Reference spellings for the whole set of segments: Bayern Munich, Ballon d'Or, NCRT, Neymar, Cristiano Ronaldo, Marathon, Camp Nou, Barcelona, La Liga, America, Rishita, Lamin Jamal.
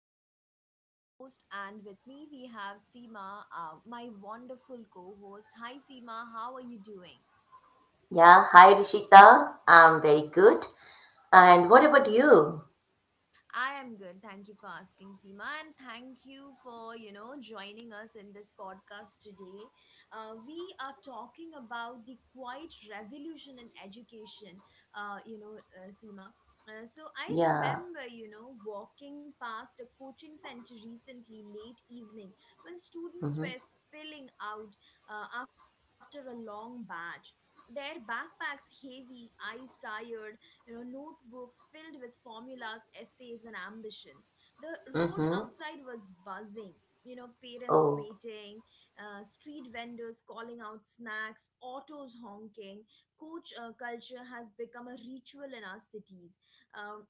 Rishita, your host, and with me we have Seema, my wonderful co host. Hi, Seema, how are you doing? Yeah, hi Rishita. I'm very good. And what about you? I am good. Thank you for asking, Seema, and thank you for joining us in this podcast today. We are talking about the quiet revolution in education. You know, Seema. So I Yeah. remember, walking past a coaching center recently late evening when students Mm-hmm. were spilling out after a long batch. Their backpacks heavy, eyes tired, notebooks filled with formulas, essays and ambitions. The road Mm-hmm. outside was buzzing, parents Oh. waiting, street vendors calling out snacks, autos honking. Coach Culture has become a ritual in our cities, um,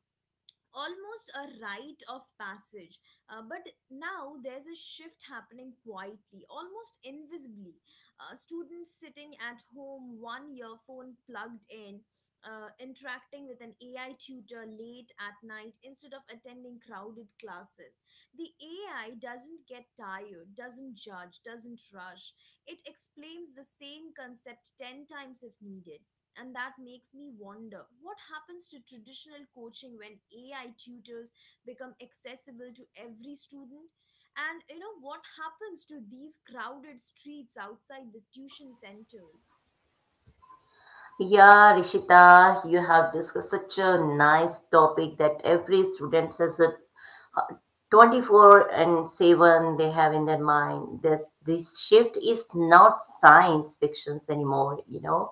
almost a rite of passage. But now there's a shift happening quietly, almost invisibly. Students sitting at home, one earphone plugged in, interacting with an AI tutor late at night instead of attending crowded classes. The AI doesn't get tired, doesn't judge, doesn't rush. It explains the same concept 10 times if needed, and that makes me wonder, what happens to traditional coaching when AI tutors become accessible to every student? And what happens to these crowded streets outside the tuition centers? Yeah, Rishita, you have discussed such a nice topic that every student has a 24/7 they have in their mind. This shift is not science fictions anymore, you know.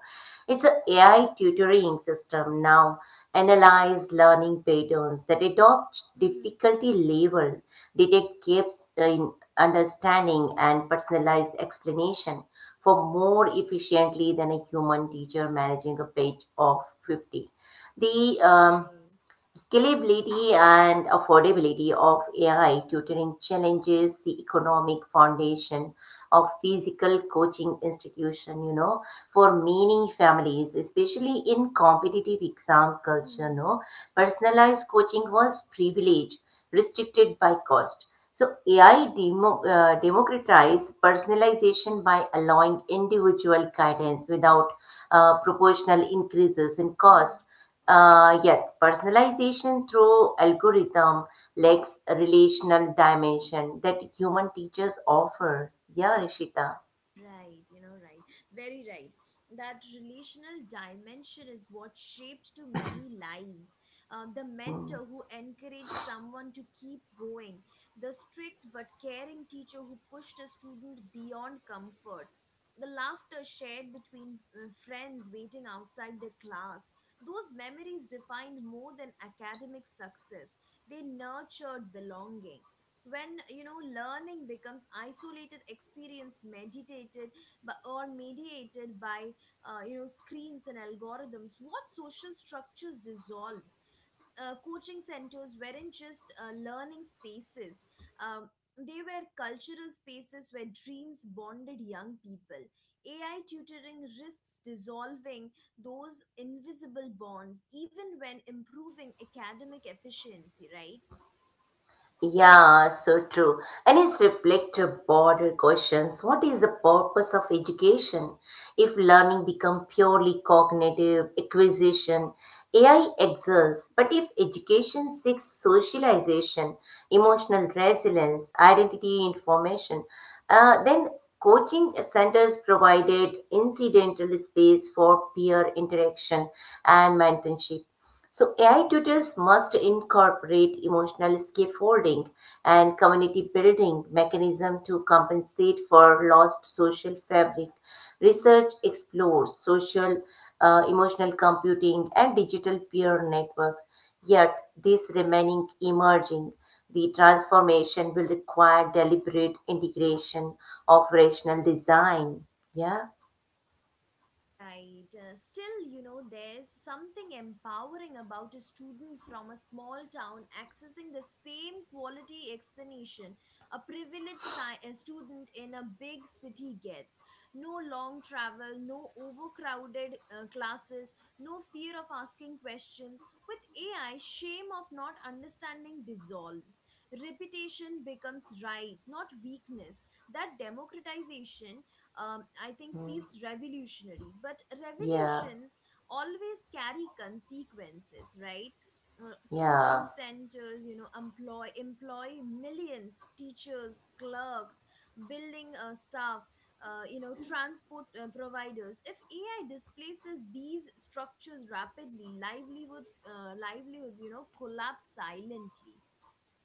It's a AI tutoring system now, analyze learning patterns that adopt Hmm. difficulty level, detect gaps in understanding and personalize explanation for more efficiently than a human teacher managing a page of 50. The um, Right. Scalability and affordability of AI tutoring challenges the economic foundation of physical coaching institution, you know. For many families, especially in competitive exam culture, Hmm. no, personalized coaching was privileged, restricted by cost. So AI democratized personalization by allowing individual guidance without proportional increases in Hmm. cost. Yet personalization through algorithm lacks relational dimension that human teachers offer. Yeah, Rishita. Right, right. Very right. That relational dimension is what shaped to many lives. The mentor who encouraged someone to keep going, the strict but caring teacher who pushed a student beyond comfort, the laughter shared between friends waiting outside the class. Those memories defined more than academic success, they nurtured belonging when learning becomes isolated experience, meditated but or mediated by screens and algorithms. What social structures dissolves? Coaching centers weren't just learning spaces, um, they were cultural spaces where dreams bonded young people. AI tutoring risks dissolving those invisible bonds even when improving academic efficiency, right? Yeah, so true. And it's reflective broader questions. What is the purpose of education? If learning become purely cognitive acquisition, AI exists. But if education seeks socialization, emotional resilience, identity information, then coaching centers provided incidental space for peer interaction and mentorship. So AI tutors must incorporate emotional scaffolding and community building mechanism to compensate for lost social fabric. Mhm. Research explores social emotional computing and digital peer networks, yet these remaining emerging. The transformation will require deliberate integration of rational design. Yeah. Right. Still, there's something empowering about a student from a small town accessing the same quality explanation a a student in a big city gets. No long travel, no overcrowded classes, no fear of asking questions. With AI, shame of not understanding dissolves. Repetition becomes right, not weakness. That democratization, I think, Mm. feels revolutionary. But Yeah, revolutions always carry consequences, right? Coaching yeah. centers, employ millions: teachers, clerks, building staff, transport providers. If AI displaces these structures rapidly, livelihoods, collapse silently.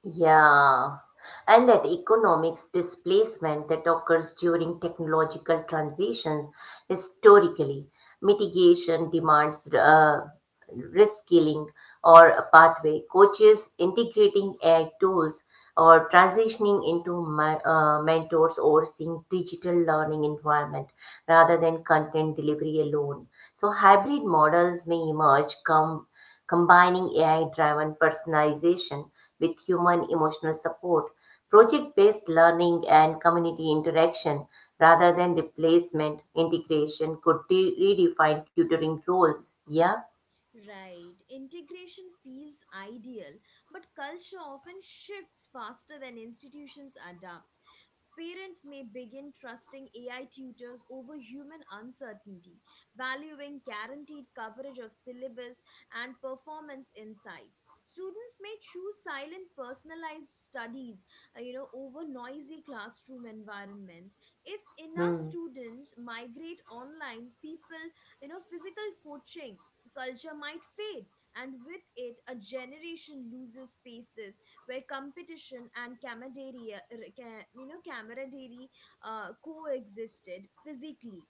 Yeah, and that economics displacement that occurs during technological transitions historically, mitigation demands reskilling or a pathway, coaches integrating AI tools or transitioning into mentors overseeing digital learning environment rather than content delivery alone. So hybrid models may emerge come combining AI-driven personalization with human emotional support, project-based learning, and community interaction rather than replacement. Integration could redefine tutoring roles. Yeah. Right. Integration feels ideal, but culture often shifts faster than institutions adapt. Parents may begin trusting AI tutors over human uncertainty, valuing guaranteed coverage of syllabus and performance insights. Students may choose silent personalized studies, over noisy classroom environments. If enough Hmm. students migrate online, people, physical coaching culture might fade, and with it a generation loses spaces where competition and camaraderie, ca- you know, camaraderie coexisted physically.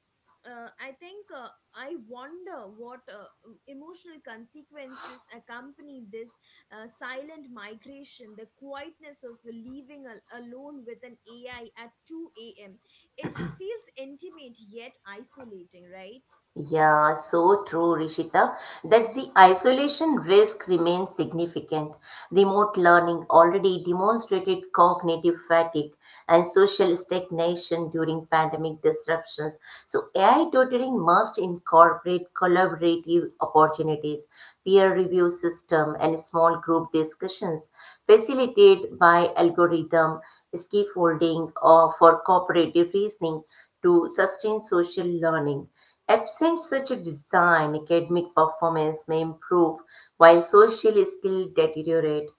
Uh, I think uh, I wonder what emotional consequences accompany this silent migration, the quietness of leaving alone with an AI at 2 a.m. It feels intimate yet isolating, right? Yeah, so true, Rishita, that the isolation risk remains significant. Remote learning already demonstrated cognitive fatigue and social stagnation during pandemic disruptions. So AI tutoring must incorporate collaborative opportunities, peer review system, and small group discussions facilitated by algorithm scaffolding or for cooperative reasoning to sustain social learning. Absent such a design, academic performance may improve while social skills deteriorate.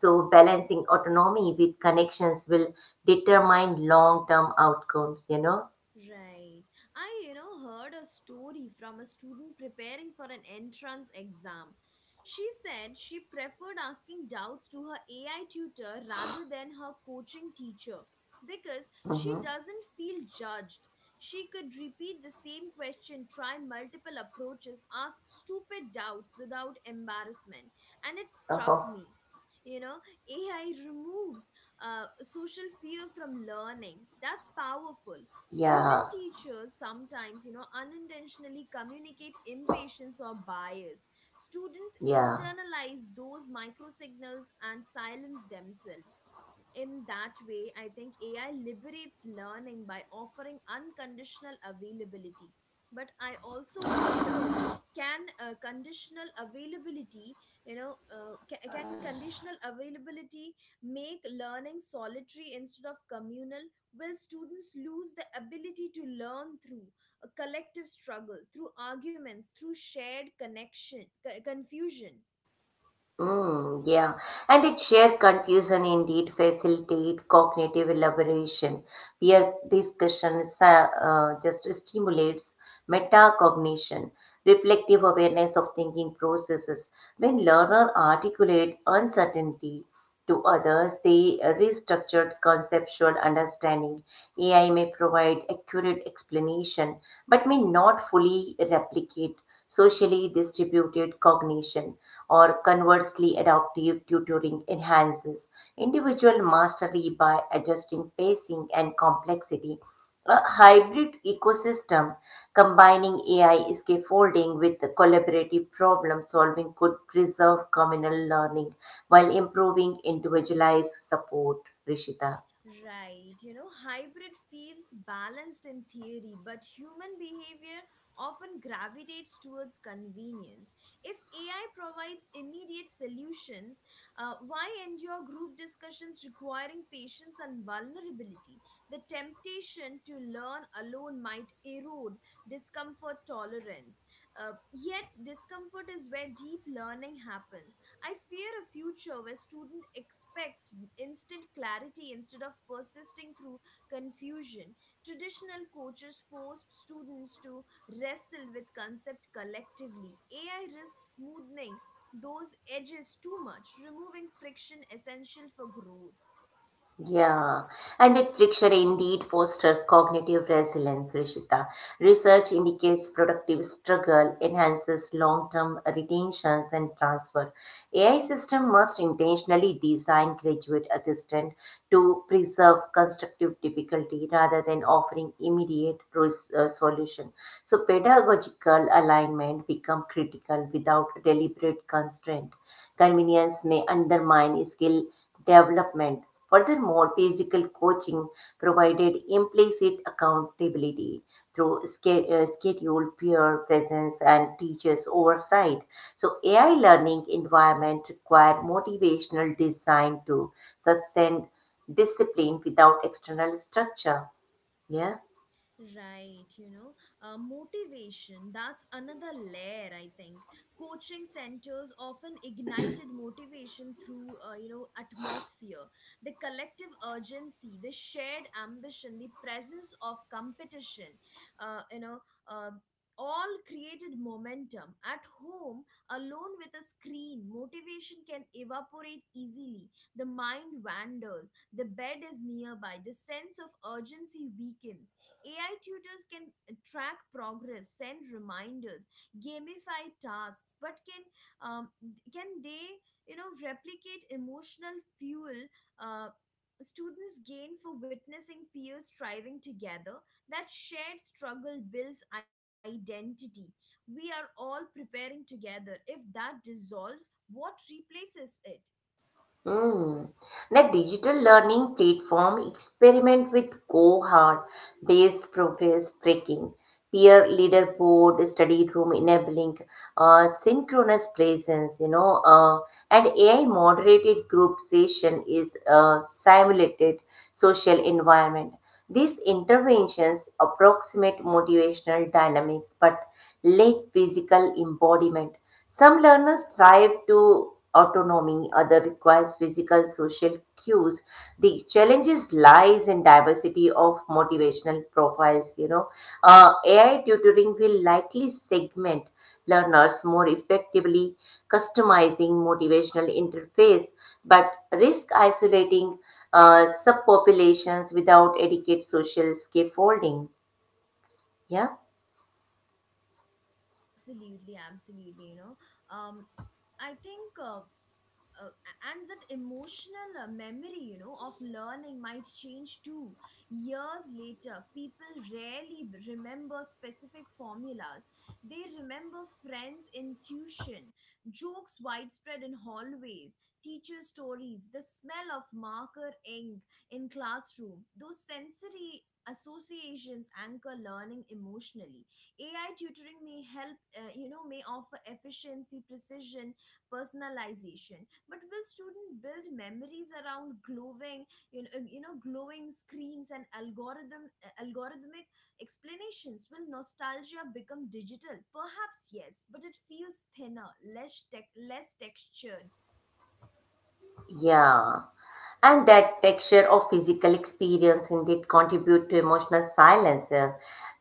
So balancing autonomy with connections will determine long term outcomes, you know? Right. I heard a story from a student preparing for an entrance exam. She said she preferred asking doubts to her AI tutor rather than her coaching teacher because she Mm-hmm. doesn't feel judged. She could repeat the same question, try multiple approaches, ask stupid doubts without embarrassment, and it struck Uh-huh. me, you know AI removes social fear from learning. That's powerful. Human Yeah, teachers sometimes, unintentionally communicate impatience or bias. Students yeah. internalize those micro signals and silence themselves. In that way, I think AI liberates learning by offering unconditional availability. But I also wondered, can conditional availability, you know, can conditional availability make learning solitary instead of communal? Will students lose the ability to learn through a collective struggle, through arguments, through shared connection, confusion? Mm, yeah, and it shared confusion indeed facilitate cognitive elaboration. Peer discussion just stimulates metacognition, reflective awareness of thinking processes. When learner articulate uncertainty to others, they restructured conceptual understanding. AI may provide accurate explanation but may not fully replicate socially distributed cognition, or conversely, adaptive tutoring enhances individual mastery by adjusting pacing and complexity. A hybrid ecosystem combining AI scaffolding with collaborative problem solving could preserve communal learning while improving individualized support, Rishita. Right, hybrid feels balanced in theory, but human behavior often gravitates towards convenience. If AI provides immediate solutions, why endure group discussions requiring patience and vulnerability? The temptation to learn alone might erode discomfort tolerance. Yet, discomfort is where deep learning happens. I fear a future where students expect instant clarity instead of persisting through confusion. Traditional coaches forced students to wrestle with concept collectively. AI risks smoothing those edges too much, removing friction essential for growth. Yeah, and that friction indeed fosters cognitive resilience, Rishita. Research indicates productive struggle enhances long-term retentions and transfer. AI system must intentionally design graduate assistant to preserve constructive difficulty rather than offering immediate solution. So pedagogical alignment become critical without deliberate constraint. Convenience may undermine skill development. Furthermore, physical coaching provided implicit accountability through schedule, peer presence, and teachers' oversight. So AI learning environment require motivational design to sustain discipline without external structure. Yeah. Right, motivation, that's another layer, I think. Coaching centers often ignited motivation through, atmosphere, the collective urgency, the shared ambition, the presence of competition, uh, you know, uh, all created momentum. At home, alone with a screen, motivation can evaporate easily. The mind wanders, the bed is nearby, the sense of urgency weakens. AI tutors can track progress, send reminders, gamify tasks, but um, can they replicate emotional fuel uh, students gain for witnessing peers striving together? That shared struggle builds identity. We are all preparing together. If that dissolves, what replaces it? Mm. The digital learning platform experiment with cohort-based progress tracking, peer leaderboard, study room enabling, synchronous presence, you know, and AI moderated group session is simulated social environment. These interventions approximate motivational dynamics but lack physical embodiment. Some learners thrive to autonomy, others requires physical social cues. The challenges lies in diversity of motivational profiles, you know. AI tutoring will likely segment learners more effectively, customizing motivational interface, but risk isolating subpopulations without adequate social scaffolding. Yeah. Absolutely, absolutely. You know, um, I think. Uh, and that emotional memory, of learning might change too. Years later, people rarely remember specific formulas. They remember friends, intuition, jokes widespread in hallways, teacher stories, the smell of marker ink in classroom. Those sensory associations anchor learning emotionally. AI tutoring may help, may offer efficiency, precision, personalization, but will students build memories around glowing you know glowing screens and algorithmic explanations? Will nostalgia become digital? Perhaps yes, but it feels thinner, less textured. Yeah. And that texture of physical experience indeed contribute to emotional silence. Uh,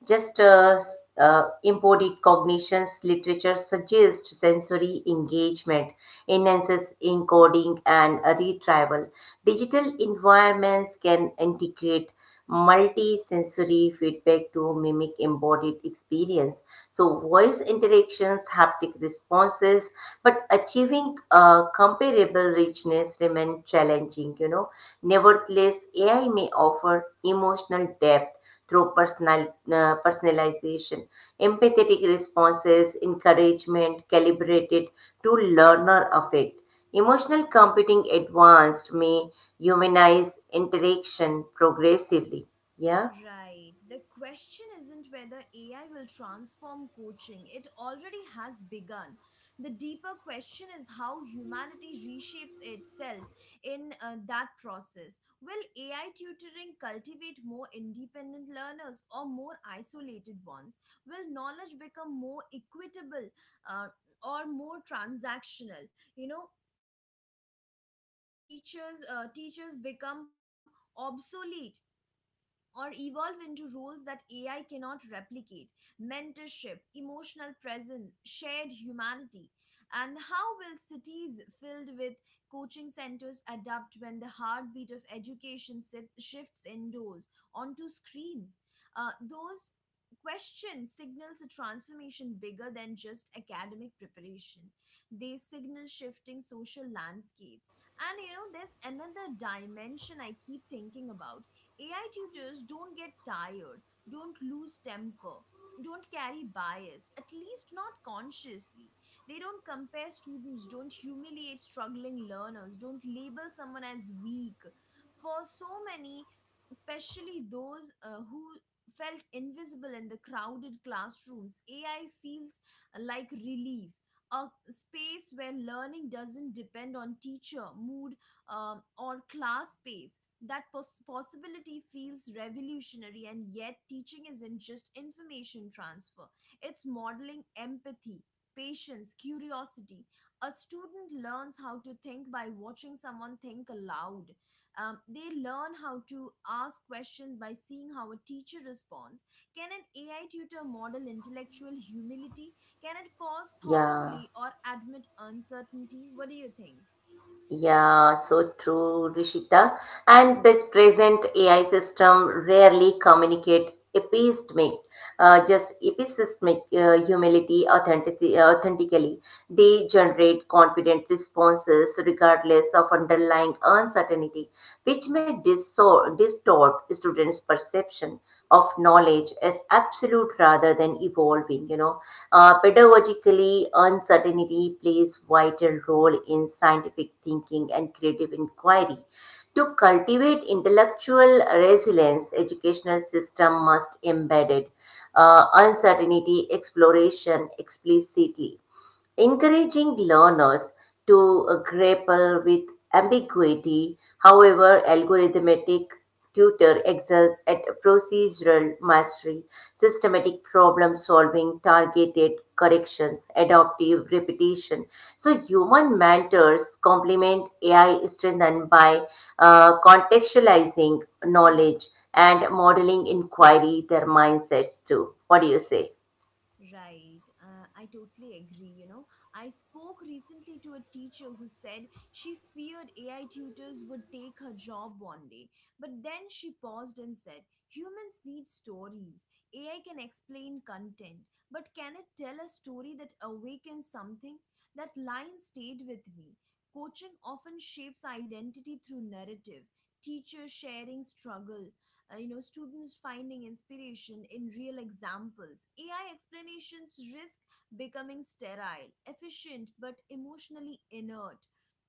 Just uh, s- uh, Embodied cognitions literature suggests sensory engagement enhances encoding and retrieval. Digital environments can integrate multi-sensory feedback to mimic embodied experience. So voice interactions, haptic responses, but achieving a comparable richness remain challenging, you know. Nevertheless, AI may offer emotional depth through personalization, empathetic responses, encouragement calibrated to learner affect. Emotional computing advanced may humanize interaction progressively. Yeah, Right. The question isn't whether AI will transform coaching, it already has begun. The deeper question is how humanity reshapes itself in that process. Will AI tutoring cultivate more independent learners or more isolated ones? Will knowledge become more equitable uh, or more transactional? Teachers become obsolete or evolve into roles that AI cannot replicate: mentorship, emotional presence, shared humanity. And how will cities filled with coaching centers adapt when the heartbeat of education shifts indoors onto screens? Those questions signals a transformation bigger than just academic preparation. They signal shifting social landscapes. And there's another dimension I keep thinking about. AI tutors don't get tired, don't lose temper, don't carry bias, at least not consciously. They don't compare students, don't humiliate struggling learners, don't label someone as weak. For so many, especially those who felt invisible in the crowded classrooms, AI feels like relief. A space where learning doesn't depend on teacher, mood, or class pace. That possibility feels revolutionary, and yet teaching isn't just information transfer, it's modeling empathy, patience, curiosity. A student learns how to think by watching someone think aloud. They learn how to ask questions by seeing how a teacher responds. Can an AI tutor model intellectual humility? Can it pause yeah, thoughtfully or admit uncertainty? What do you think? yeah, so true, Rishita. And the present AI system rarely communicate epistemic humility authenticity, authentically. They generate confident responses regardless of underlying uncertainty, which may distort students' perception. Transmission of knowledge is absolute rather than evolving, you know. Pedagogically uncertainty plays vital role in scientific thinking and creative inquiry. To cultivate intellectual resilience educational system must embed it, uncertainty exploration explicitly encouraging learners to grapple with ambiguity. However, algorithmic tutor excels at procedural mastery, systematic problem solving, targeted corrections, adaptive repetition. So human mentors complement AI strengthened by contextualizing Mhm. knowledge and modeling inquiry their mindsets too. What do you say? Right. I totally agree. I spoke recently to a teacher who said she feared AI tutors would take her job one day. But then she paused and said, "Humans need stories. AI can explain content, but can it tell a story that awakens something?" That line stayed with me. Coaching often shapes identity through narrative, teachers sharing struggle, students finding inspiration in real examples. AI explanations risk becoming sterile, efficient but emotionally inert.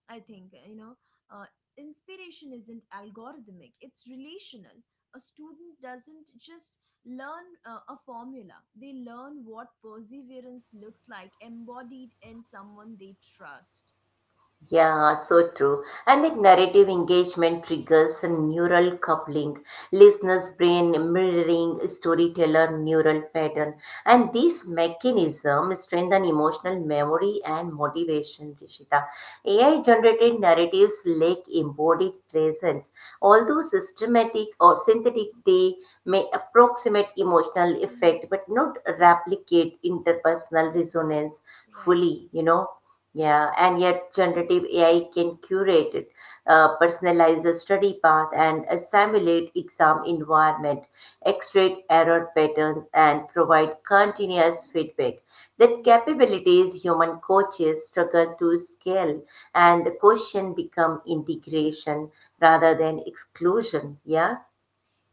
I think you know uh, Inspiration isn't algorithmic, it's relational. A student doesn't just learn a formula, they learn what perseverance looks like embodied in someone they trust. Yeah, so true. And the narrative engagement triggers a neural coupling, listener's brain mirroring storyteller neural pattern. And this mechanism strengthen emotional memory and motivation, Rishita. AI generated narratives lack embodied presence. Although systematic or synthetic, they may approximate emotional Hmm. effect but not replicate interpersonal resonance Right. fully, you know. Yeah, and yet generative AI can curate it, personalize the study path, and simulate exam environment, extract error patterns, and provide continuous feedback. That capabilities human coaches struggle to scale, and the question become integration rather than exclusion. Yeah.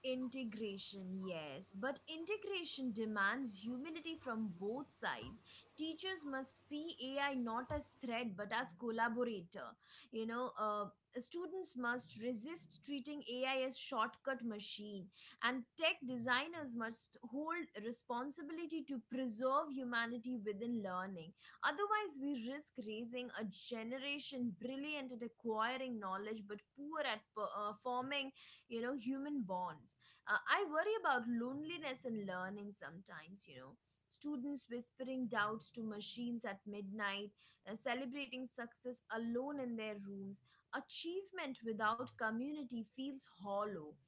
Integration, yes, but integration demands humility from both sides. Teachers must see AI not as threat but as collaborator. You know, uh, Students must resist treating AI as shortcut machine, and tech designers must hold responsibility to preserve humanity within learning. Otherwise, we risk raising a generation brilliant at acquiring knowledge but poor at forming human bonds. I worry about loneliness in learning sometimes, Students whispering doubts to machines at midnight, celebrating success alone in their rooms. Achievement without community feels hollow.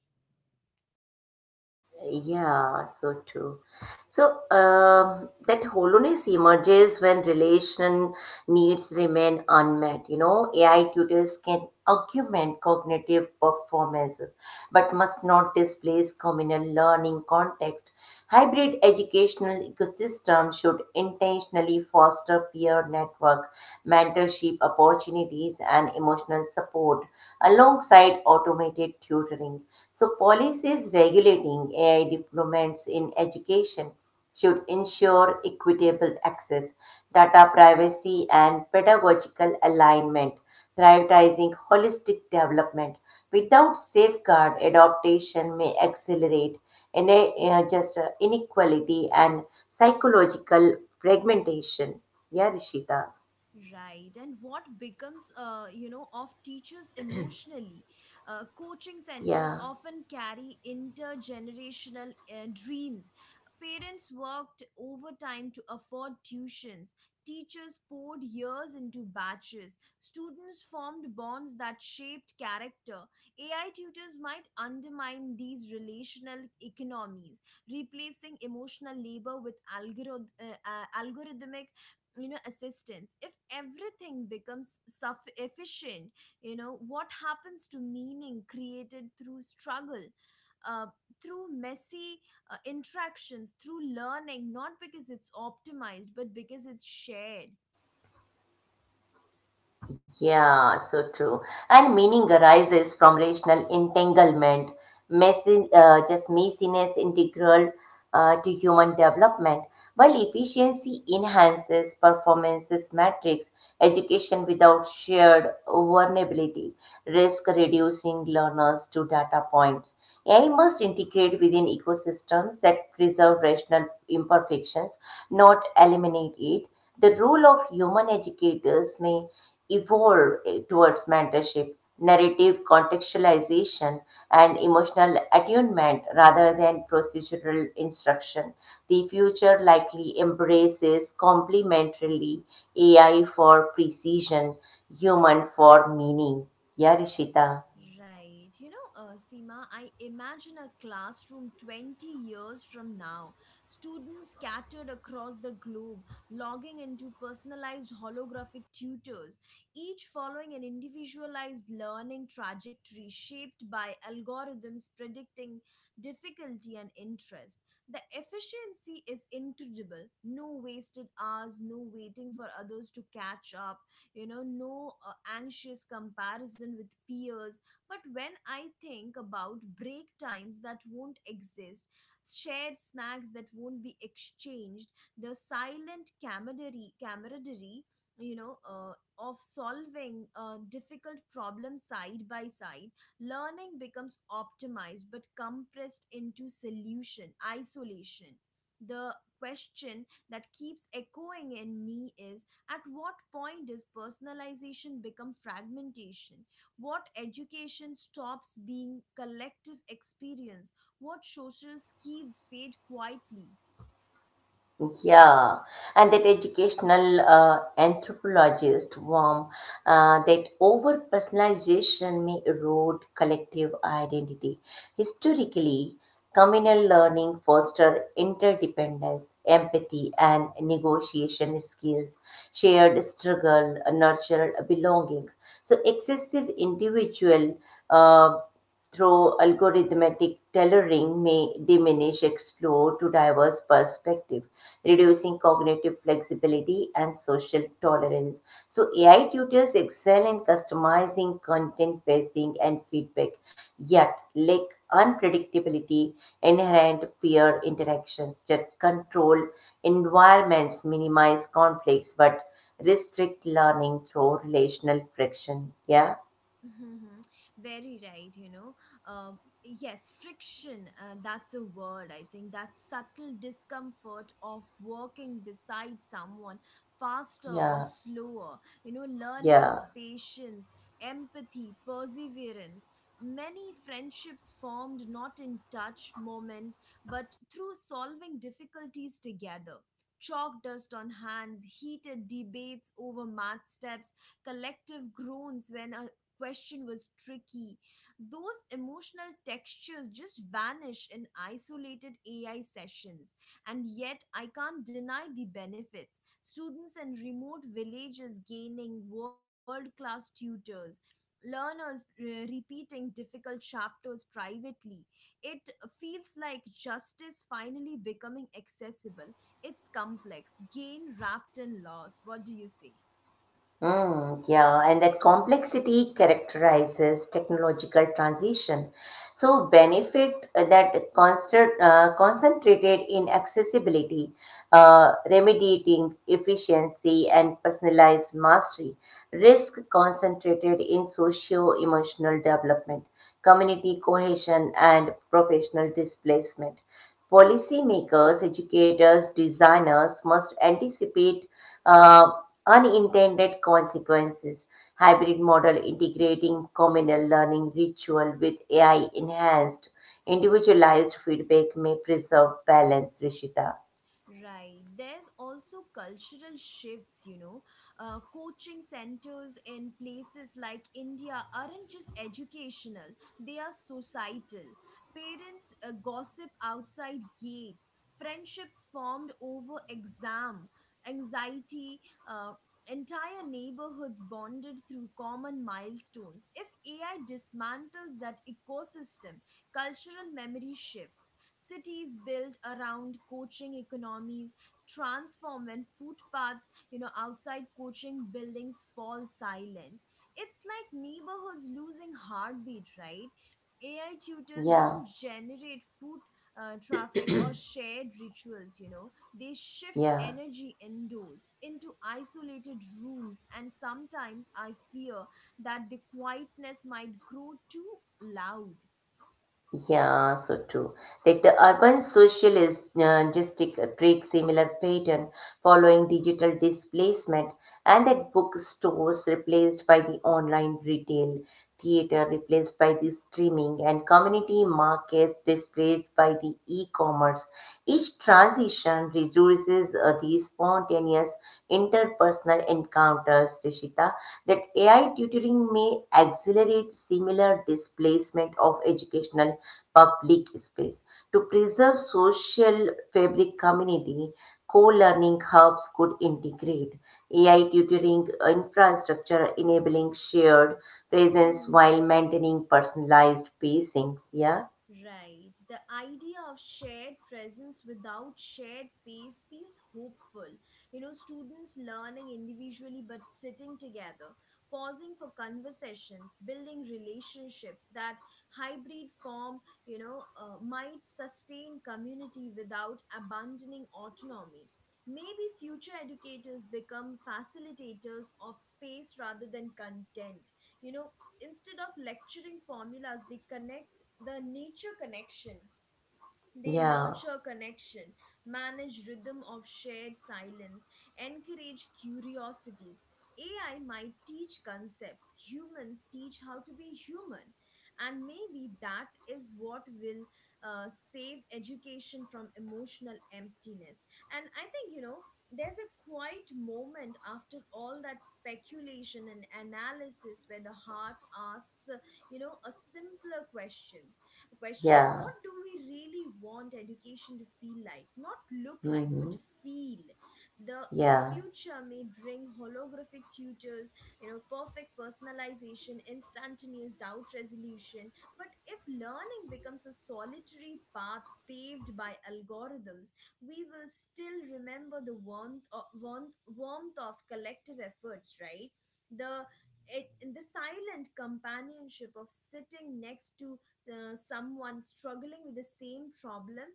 Yeah, so true. So that hollowness emerges when relation needs remain unmet. You know, AI tutors can augment cognitive performances, but must not displace communal learning context. Hybrid educational ecosystem should intentionally foster peer network, mentorship opportunities, and emotional support alongside automated tutoring. So policies regulating AI deployments in education should ensure equitable access, data privacy, and pedagogical alignment, prioritizing holistic development. Without safeguard, adaptation may accelerate in just inequality and psychological fragmentation. Yeah, Rishita. Right, and what becomes, of teachers emotionally? Coaching centers Yeah. often carry intergenerational dreams. Parents worked overtime to afford tuitions. Teachers poured years into batches. Students formed bonds that shaped character. AI tutors might undermine these relational economies, replacing emotional labor with algorithmic assistance. If everything becomes suff efficient, what happens to meaning created through struggle, uh, through messy interactions, through learning not because it's optimized but because it's shared? Yeah, so true. And meaning arises from rational entanglement, messiness integral to human development, while efficiency enhances performances metrics, education without shared vulnerability, risk reducing learners to data points. AI must integrate within ecosystems that preserve rational imperfections, not eliminate it. The role of human educators may evolve towards mentorship, narrative contextualization, and emotional attunement rather than procedural instruction. The future likely embraces complementarily AI for precision, human for meaning. Yeah, Rishita. Right. Seema, I imagine a classroom 20 years from now. Students scattered across the globe, logging into personalized holographic tutors, each following an individualized learning trajectory shaped by algorithms predicting difficulty and interest. The efficiency is incredible. No wasted hours, no waiting for others to catch up, no anxious comparison with peers. But when I think about break times that won't exist, shared snacks that won't be exchanged, the silent camaraderie you know uh, of solving a difficult problem side by side, learning becomes optimized but compressed into solution isolation. The question that keeps echoing in me is, at what point does personalization become fragmentation? What education stops being collective experience? What social skills fade quietly? Yeah, and that educational anthropologist warm that over personalization may erode collective identity. Historically, communal learning fostered interdependence, empathy, and negotiation skills. Shared struggle nurtured belongings. So excessive individual uh, through algorithmic tailoring may diminish explore to diverse perspective, reducing cognitive flexibility and social tolerance. So AI tutors excel in customizing content pacing and feedback, yet lack unpredictability inherent peer interactions. That control environments minimize conflicts but restrict learning through relational friction. Yeah Mm-hmm. Very right, you know. Uh. Yes, friction, that's a word, I think. That subtle discomfort of walking beside someone faster or yeah slower, you know, learning yeah patience, empathy, perseverance. Many friendships formed not in touch moments, but through solving difficulties together. Chalk dust on hands, heated debates over math steps, collective groans when a question was tricky. Those emotional textures just vanish in isolated AI sessions. And yet, I can't deny the benefits. Students in remote villages gaining world class tutors. Learners repeating difficult chapters privately. It feels like justice finally becoming accessible. It's complex, gain wrapped in loss. What do you say? Mm, yeah, and that complexity characterizes technological transition. So benefit concentrated in accessibility, remediating efficiency and personalized mastery, risk concentrated in socio-emotional development, community cohesion and professional displacement. Policymakers, educators, designers must anticipate unintended consequences. Hybrid model integrating communal learning ritual with AI enhanced individualized feedback may preserve balance, Rishita. Right. There's also cultural shifts, you know. Coaching centers in places like India aren't just educational, they are societal. Parents gossip outside gates, friendships formed over exam, anxiety, uh, entire neighborhoods bonded through common milestones. If AI dismantles that ecosystem, cultural memory shifts. Cities built around coaching economies transform when footpaths, you know, outside coaching buildings fall silent. It's like neighborhoods losing heartbeat, right? AI tutors Yeah, don't generate foot traffic or shared rituals, you know. They shift yeah. energy indoors into isolated rooms, and sometimes I fear that the quietness might grow too loud. Yeah, so true. Like the urban social take similar pattern following digital displacement, and that bookstores replaced by the online retail, theater replaced by the streaming, and community markets displaced by the e-commerce. Each transition reduces the spontaneous personal encounters, Rishita, that AI tutoring may accelerate similar displacement of educational public space. To preserve social fabric community, co-learning hubs could integrate AI tutoring infrastructure enabling shared presence Mhm. while maintaining personalized pacings. Yeah, Right. The idea of shared presence without shared pace feels hopeful. You know, students learning individually but sitting together, pausing for conversations, building relationships. That hybrid form, might sustain community without abandoning autonomy. Maybe future educators become facilitators of space rather than content. You know, instead of lecturing formulas, they connect the nature connection they yeah, nurture connection, manage rhythm of shared silence, encourage curiosity. AI might teach concepts, humans teach how to be human. And maybe that is what will save education from emotional emptiness. And I think, you know, there's a quiet moment after all that speculation and analysis where the heart asks, you know, a simpler question question: yeah. what do we really want education to feel like, not look like, but hmm feel? The Yeah, future may bring holographic tutors, you know, perfect personalization, instantaneous doubt resolution. But if learning becomes a solitary path paved by algorithms, we will still remember the warmth of collective efforts, right? The it, the silent companionship of sitting next to someone struggling with the same problem.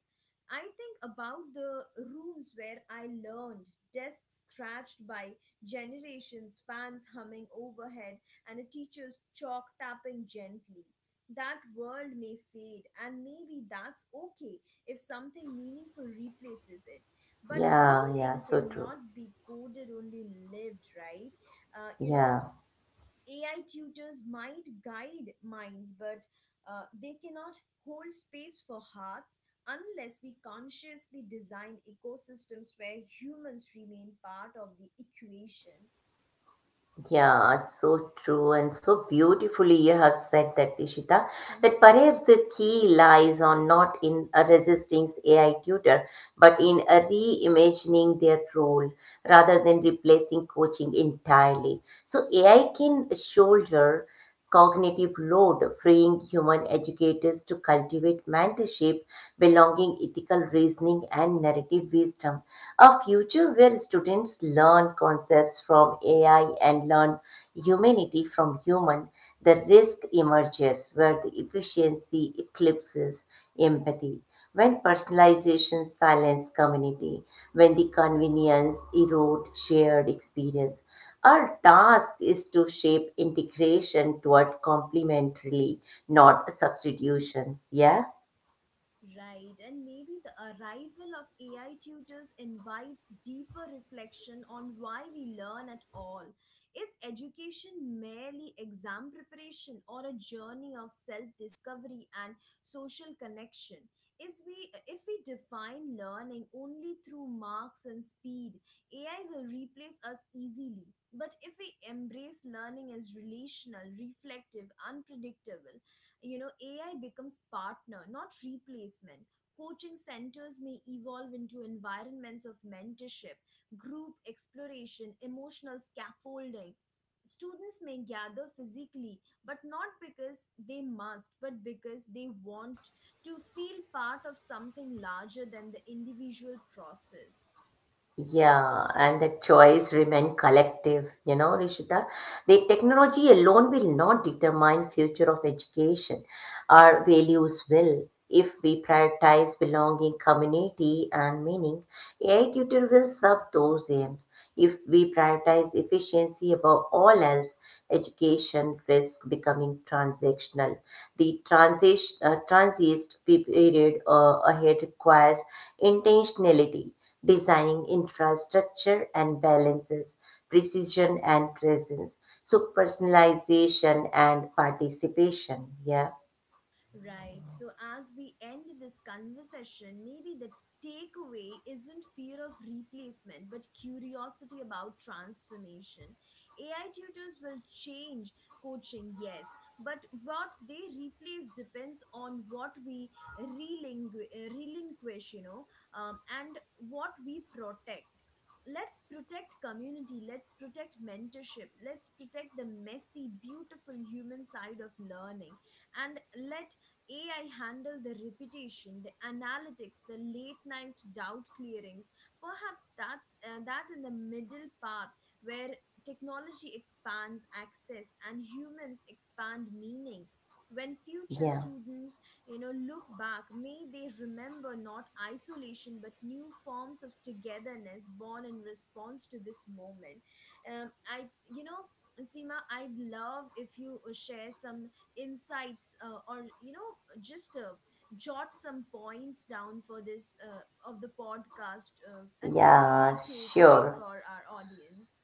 I think about the rooms where I learned, desks scratched by generations, fans humming overhead, and a teacher's chalk tapping gently. That world may fade, and maybe that's okay if something meaningful replaces it. But yeah. meaning So true. cannot be coded, only lived, right? You know, Yeah. AI tutors might guide minds, but they cannot hold space for hearts unless we consciously design ecosystems where humans remain part of the equation. Yeah, so true and so beautifully you have said that, Ishita, that perhaps the key lies on not in a resisting AI tutor, but in a reimagining their role rather than replacing coaching entirely. So AI can shoulder cognitive load, freeing human educators to cultivate mentorship, belonging, ethical reasoning, and narrative wisdom. A future where students learn concepts from AI and learn humanity from human, the risk emerges where the efficiency eclipses empathy, when personalization silences community, when the convenience erode shared experience. Our task is to shape integration toward complementarily, not substitutions. Yeah. Right, and maybe the arrival of AI tutors invites deeper reflection on why we learn at all. Is education merely exam preparation or a journey of self discovery and social connection? Is we, if we define learning only through marks and speed, AI will replace us easily. But if we embrace learning as relational, reflective, unpredictable, you know, AI becomes partner, not replacement. Coaching centers may evolve into environments of mentorship, group exploration, emotional scaffolding. Students may gather physically, but not because they must, but because they want to feel part of something larger than the individual process. Yeah, and the choice remain collective, you know, Rishita. The technology alone will not determine future of education. Our values will. If we prioritize belonging, community, and meaning, AI tutor will serve those aims. If we prioritize efficiency above all else, education risks becoming transactional. The transist period ahead requires intentionality, designing infrastructure and balances, precision and presence, so personalization and participation. Yeah, Right. So, as we end this conversation, maybe the takeaway isn't fear of replacement, but curiosity about transformation. AI tutors will change coaching, yes, but what they replace depends on what we relinquish, you know, and what we protect. Let's protect community, let's protect mentorship, let's protect the messy, beautiful human side of learning, and let AI handle the repetition, the analytics, the late night doubt clearings. Perhaps that's that in the middle path where technology expands access and humans expand meaning. When future yeah, students, you know, look back, may they remember not isolation but new forms of togetherness born in response to this moment. You know, Seema, I'd love if you share some insights, or you know, just jot some points down for this of the podcast, as a yeah, key takeaway for sure. our audience.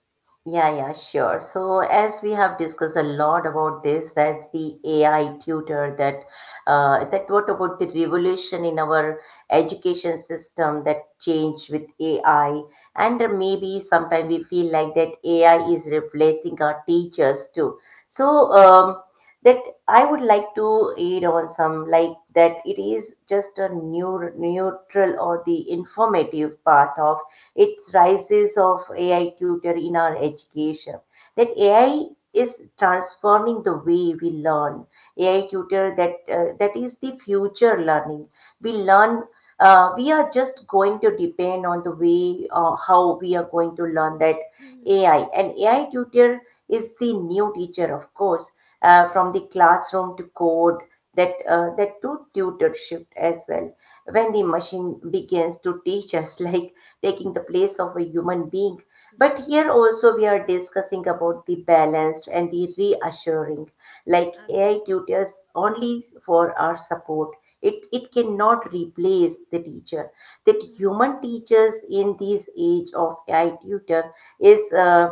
Yeah, sure. So, as we have discussed a lot about this, that's the AI tutor that what about the revolution in our education system that changed with AI, and maybe sometimes we feel like that AI is replacing our teachers too. So, that I would like to add on some like that it is just a new neutral or the informative path of its rises of AI tutor in our education. That AI is transforming the way we learn. AI tutor that is the future learning. We learn. We are just going to depend on the way how we are going to learn that Mhm. AI. And AI tutor is the new teacher, of course, from the Right. classroom to code that to tutorship as well when the Mhm. machine begins to teach us like taking the place of a human being. But here also we Right. are discussing about the balanced and the reassuring. Like AI Absolutely. tutors only for our support. It cannot replace the teacher. That Mhm. human teachers in this age of AI tutor is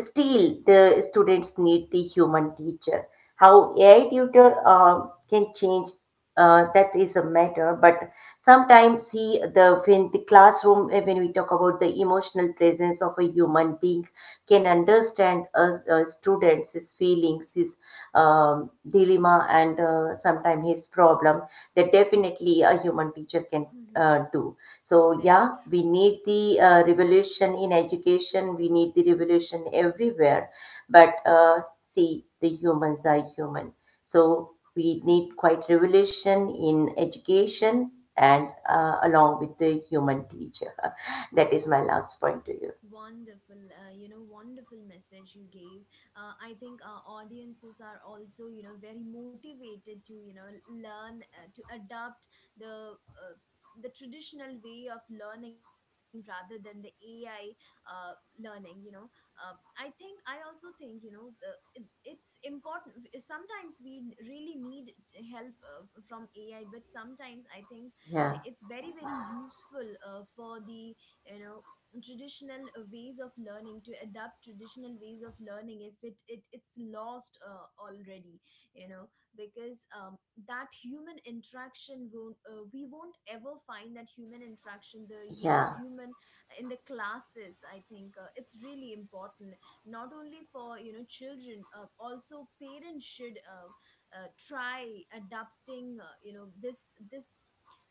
still the students need the human teacher. How AI tutor can change that is a matter, but sometimes see the when the classroom when we talk about the emotional presence of a human being can understand a student's his feelings his um, dilemma and sometimes his problem, that definitely a human teacher can Mhm. Do. So Very yeah, we true. need the revolution in education, we need the revolution everywhere, but see the humans are human, so we Hmm. need quite revolution in education and along with the human teacher. That is my last point to you. Wonderful, you know, wonderful message you gave. I think our audiences are also, you know, very motivated to, you know, learn to adopt the uh, the traditional way of learning rather than the AI learning. You know, I think I also think, you know, it's important. Sometimes we really need help from AI, but sometimes I think Yeah, it's very very useful for the, you know, traditional ways of learning to adapt traditional ways of learning if it's lost already, you know, because that human interaction won't, we won't ever find that human interaction, the yeah, human in the classes. I think it's really important, not only for, you know, children, also parents should, try adapting, you know, this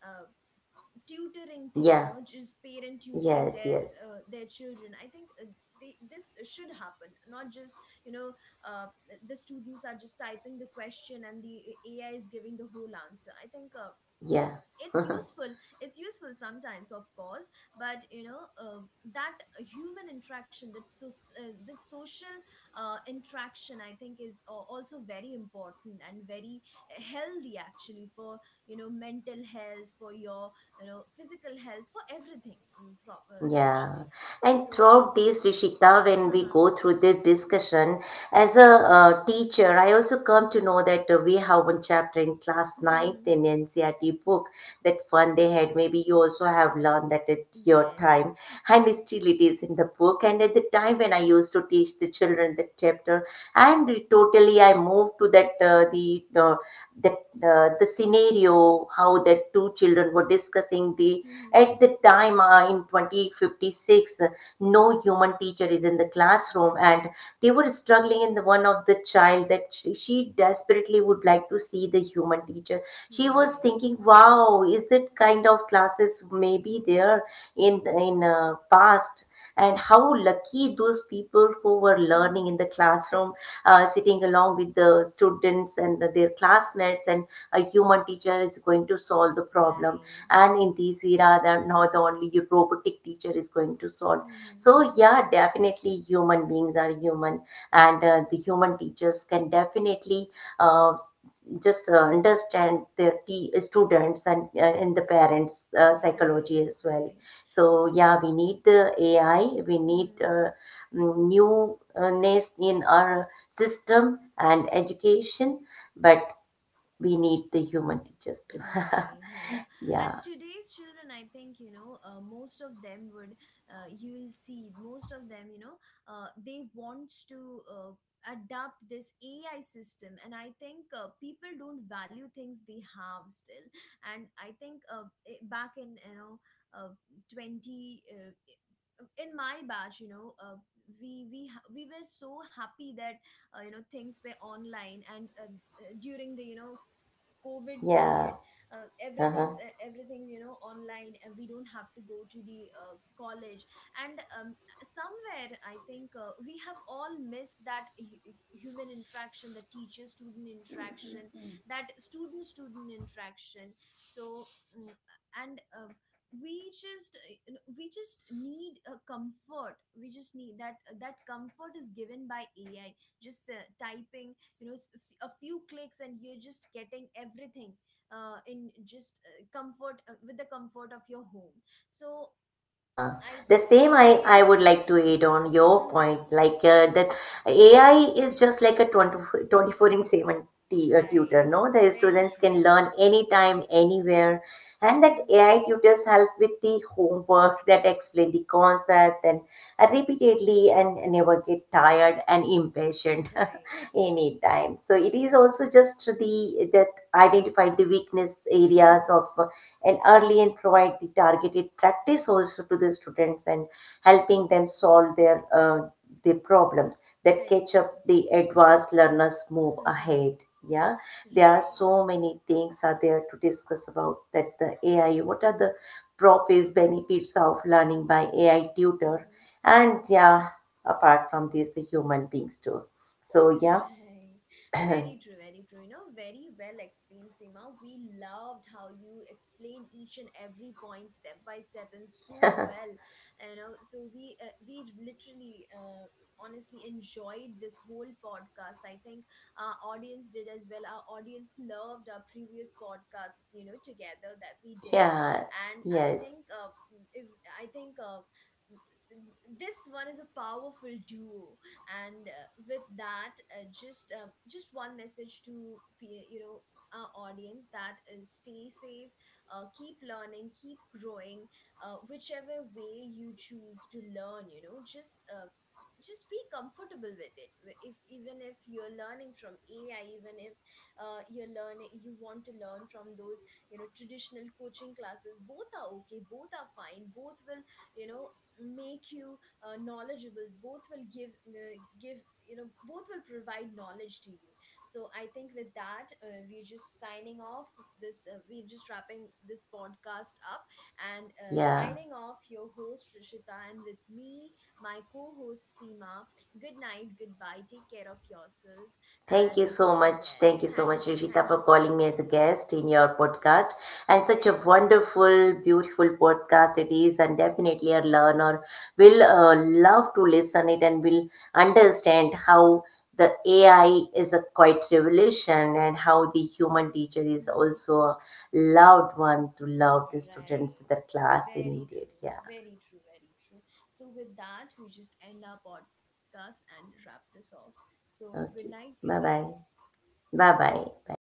uh, tutoring thing, you yeah, know, just parent tutoring yes, their, yes, their children. I think they, this should happen, not just, you know, uh, the students are just typing the question and the AI is giving the whole answer. I think yeah. it's useful, it's useful sometimes, of course, but you know, that human interaction, that so the social interaction, I think, is also very important and very healthy, actually, for, you know, mental health, for your, you know, physical health, for everything. Yeah, Actually, and so throughout this, Rishita, when we huh. go through this discussion, as a teacher, I also come to know that we have one chapter in class ninth in NCRT book, that fun they had. Maybe you also have learned that at your Yes. time, and still it is in the book. And at the time when I used to teach the children that chapter, and it totally I moved to that the scenario how that two children were discussing the at Mm-hmm. the time in 2056, no human teacher is in the classroom, and they were struggling. In the one of the child that she desperately would like to see the human teacher. She was Right. thinking, "Wow, is that kind of classes maybe there in past?" And how lucky those people who were learning Mhm. in the classroom, sitting along with the students and their classmates, and a human teacher is going to solve the problem, Right. and in this era that now the not only your robotic teacher is going to solve. Mm-hmm. So yeah, definitely human beings are human, and the human teachers can definitely uh, just understand their students and the parents Right. psychology as well. Right. So yeah, we need the AI, we need Mm-hmm. Newness in our system and education, but we need the human teachers too. Right, you know, Yeah. and today's children, I think, you know, most of them would, you'll see, most of them, you know, they want to adapt this AI system. And I think people don't value things they have still. And I think back in, you know, uh, 20, in my batch, you know, we were so happy that, you know, things were online, and during the, you know, covid period, Yeah. Uh-huh. everything's, you know, online, and we don't have to go to the, college, and somewhere I think we have all missed that human interaction, the teacher student interaction, that student student interaction. So mm, and we just, we just need a comfort, we just need that, that comfort is given by AI, just typing, you know, a few clicks and you're just getting everything, in just comfort, with the comfort of your home. So I The think same I we. would like to add on your Mhm. point, like that AI is just like a twenty twenty four in 7 tutor, Right. no? The Very students can true. learn anytime, anywhere. And that Mhm. AI tutors help with the homework that explain the concept and repeatedly and never get tired and impatient Right. anytime. So it is also just the that identify the weakness Mhm. areas of and early and provide the targeted practice also to the students and helping them solve their the problems, that Very catch up true. the advanced learners move Mhm. ahead. Yeah, there are Right. so many things are there to discuss about that the AI, what are the profits benefits of learning by AI tutor, Mm-hmm. and yeah, apart from this the human beings too. So yeah. Right. Very true, very true. You know, very well explained, Seema. We loved how you explained each and every point step by step and so well. You know, so we, we literally, honestly enjoyed this whole podcast. I think our audience did as well. Our audience loved our previous podcasts, you know, together that we did. Yeah. And I Yes. think, if I think this one is a powerful duo, and with that, just one message to you know, our audience, that is stay safe, keep learning, keep growing, whichever way you choose to learn, you know, just be comfortable with it. If, even if you're learning from AI, even if you're learning, you want to learn from those, you know, traditional coaching classes, both are okay, both are fine, both will, you know, make you knowledgeable, both will give, you know, both will provide knowledge to you. So I think with that, we're just signing off this, we're just wrapping this podcast up, and Yeah. signing off your host Rishita, and with me my co-host Seema. Good night, goodbye, take care of yourself. Thank you And so much. Thank yes, you so much, thank you, Rishita, thank you for so calling me as a much. guest in your podcast. And such a Yes. wonderful, beautiful podcast it is. And definitely a learner will Mhm. Love to listen it and will understand how the AI is a quite revolution and how the human teacher is also a loved one to love the Right. students in their class. They Very need it. true. Yeah. Very true. Very true. So, with that, we just end our podcast and wrap this off. So, good night. Okay. Goodbye. Bye-bye. Bye-bye. Bye.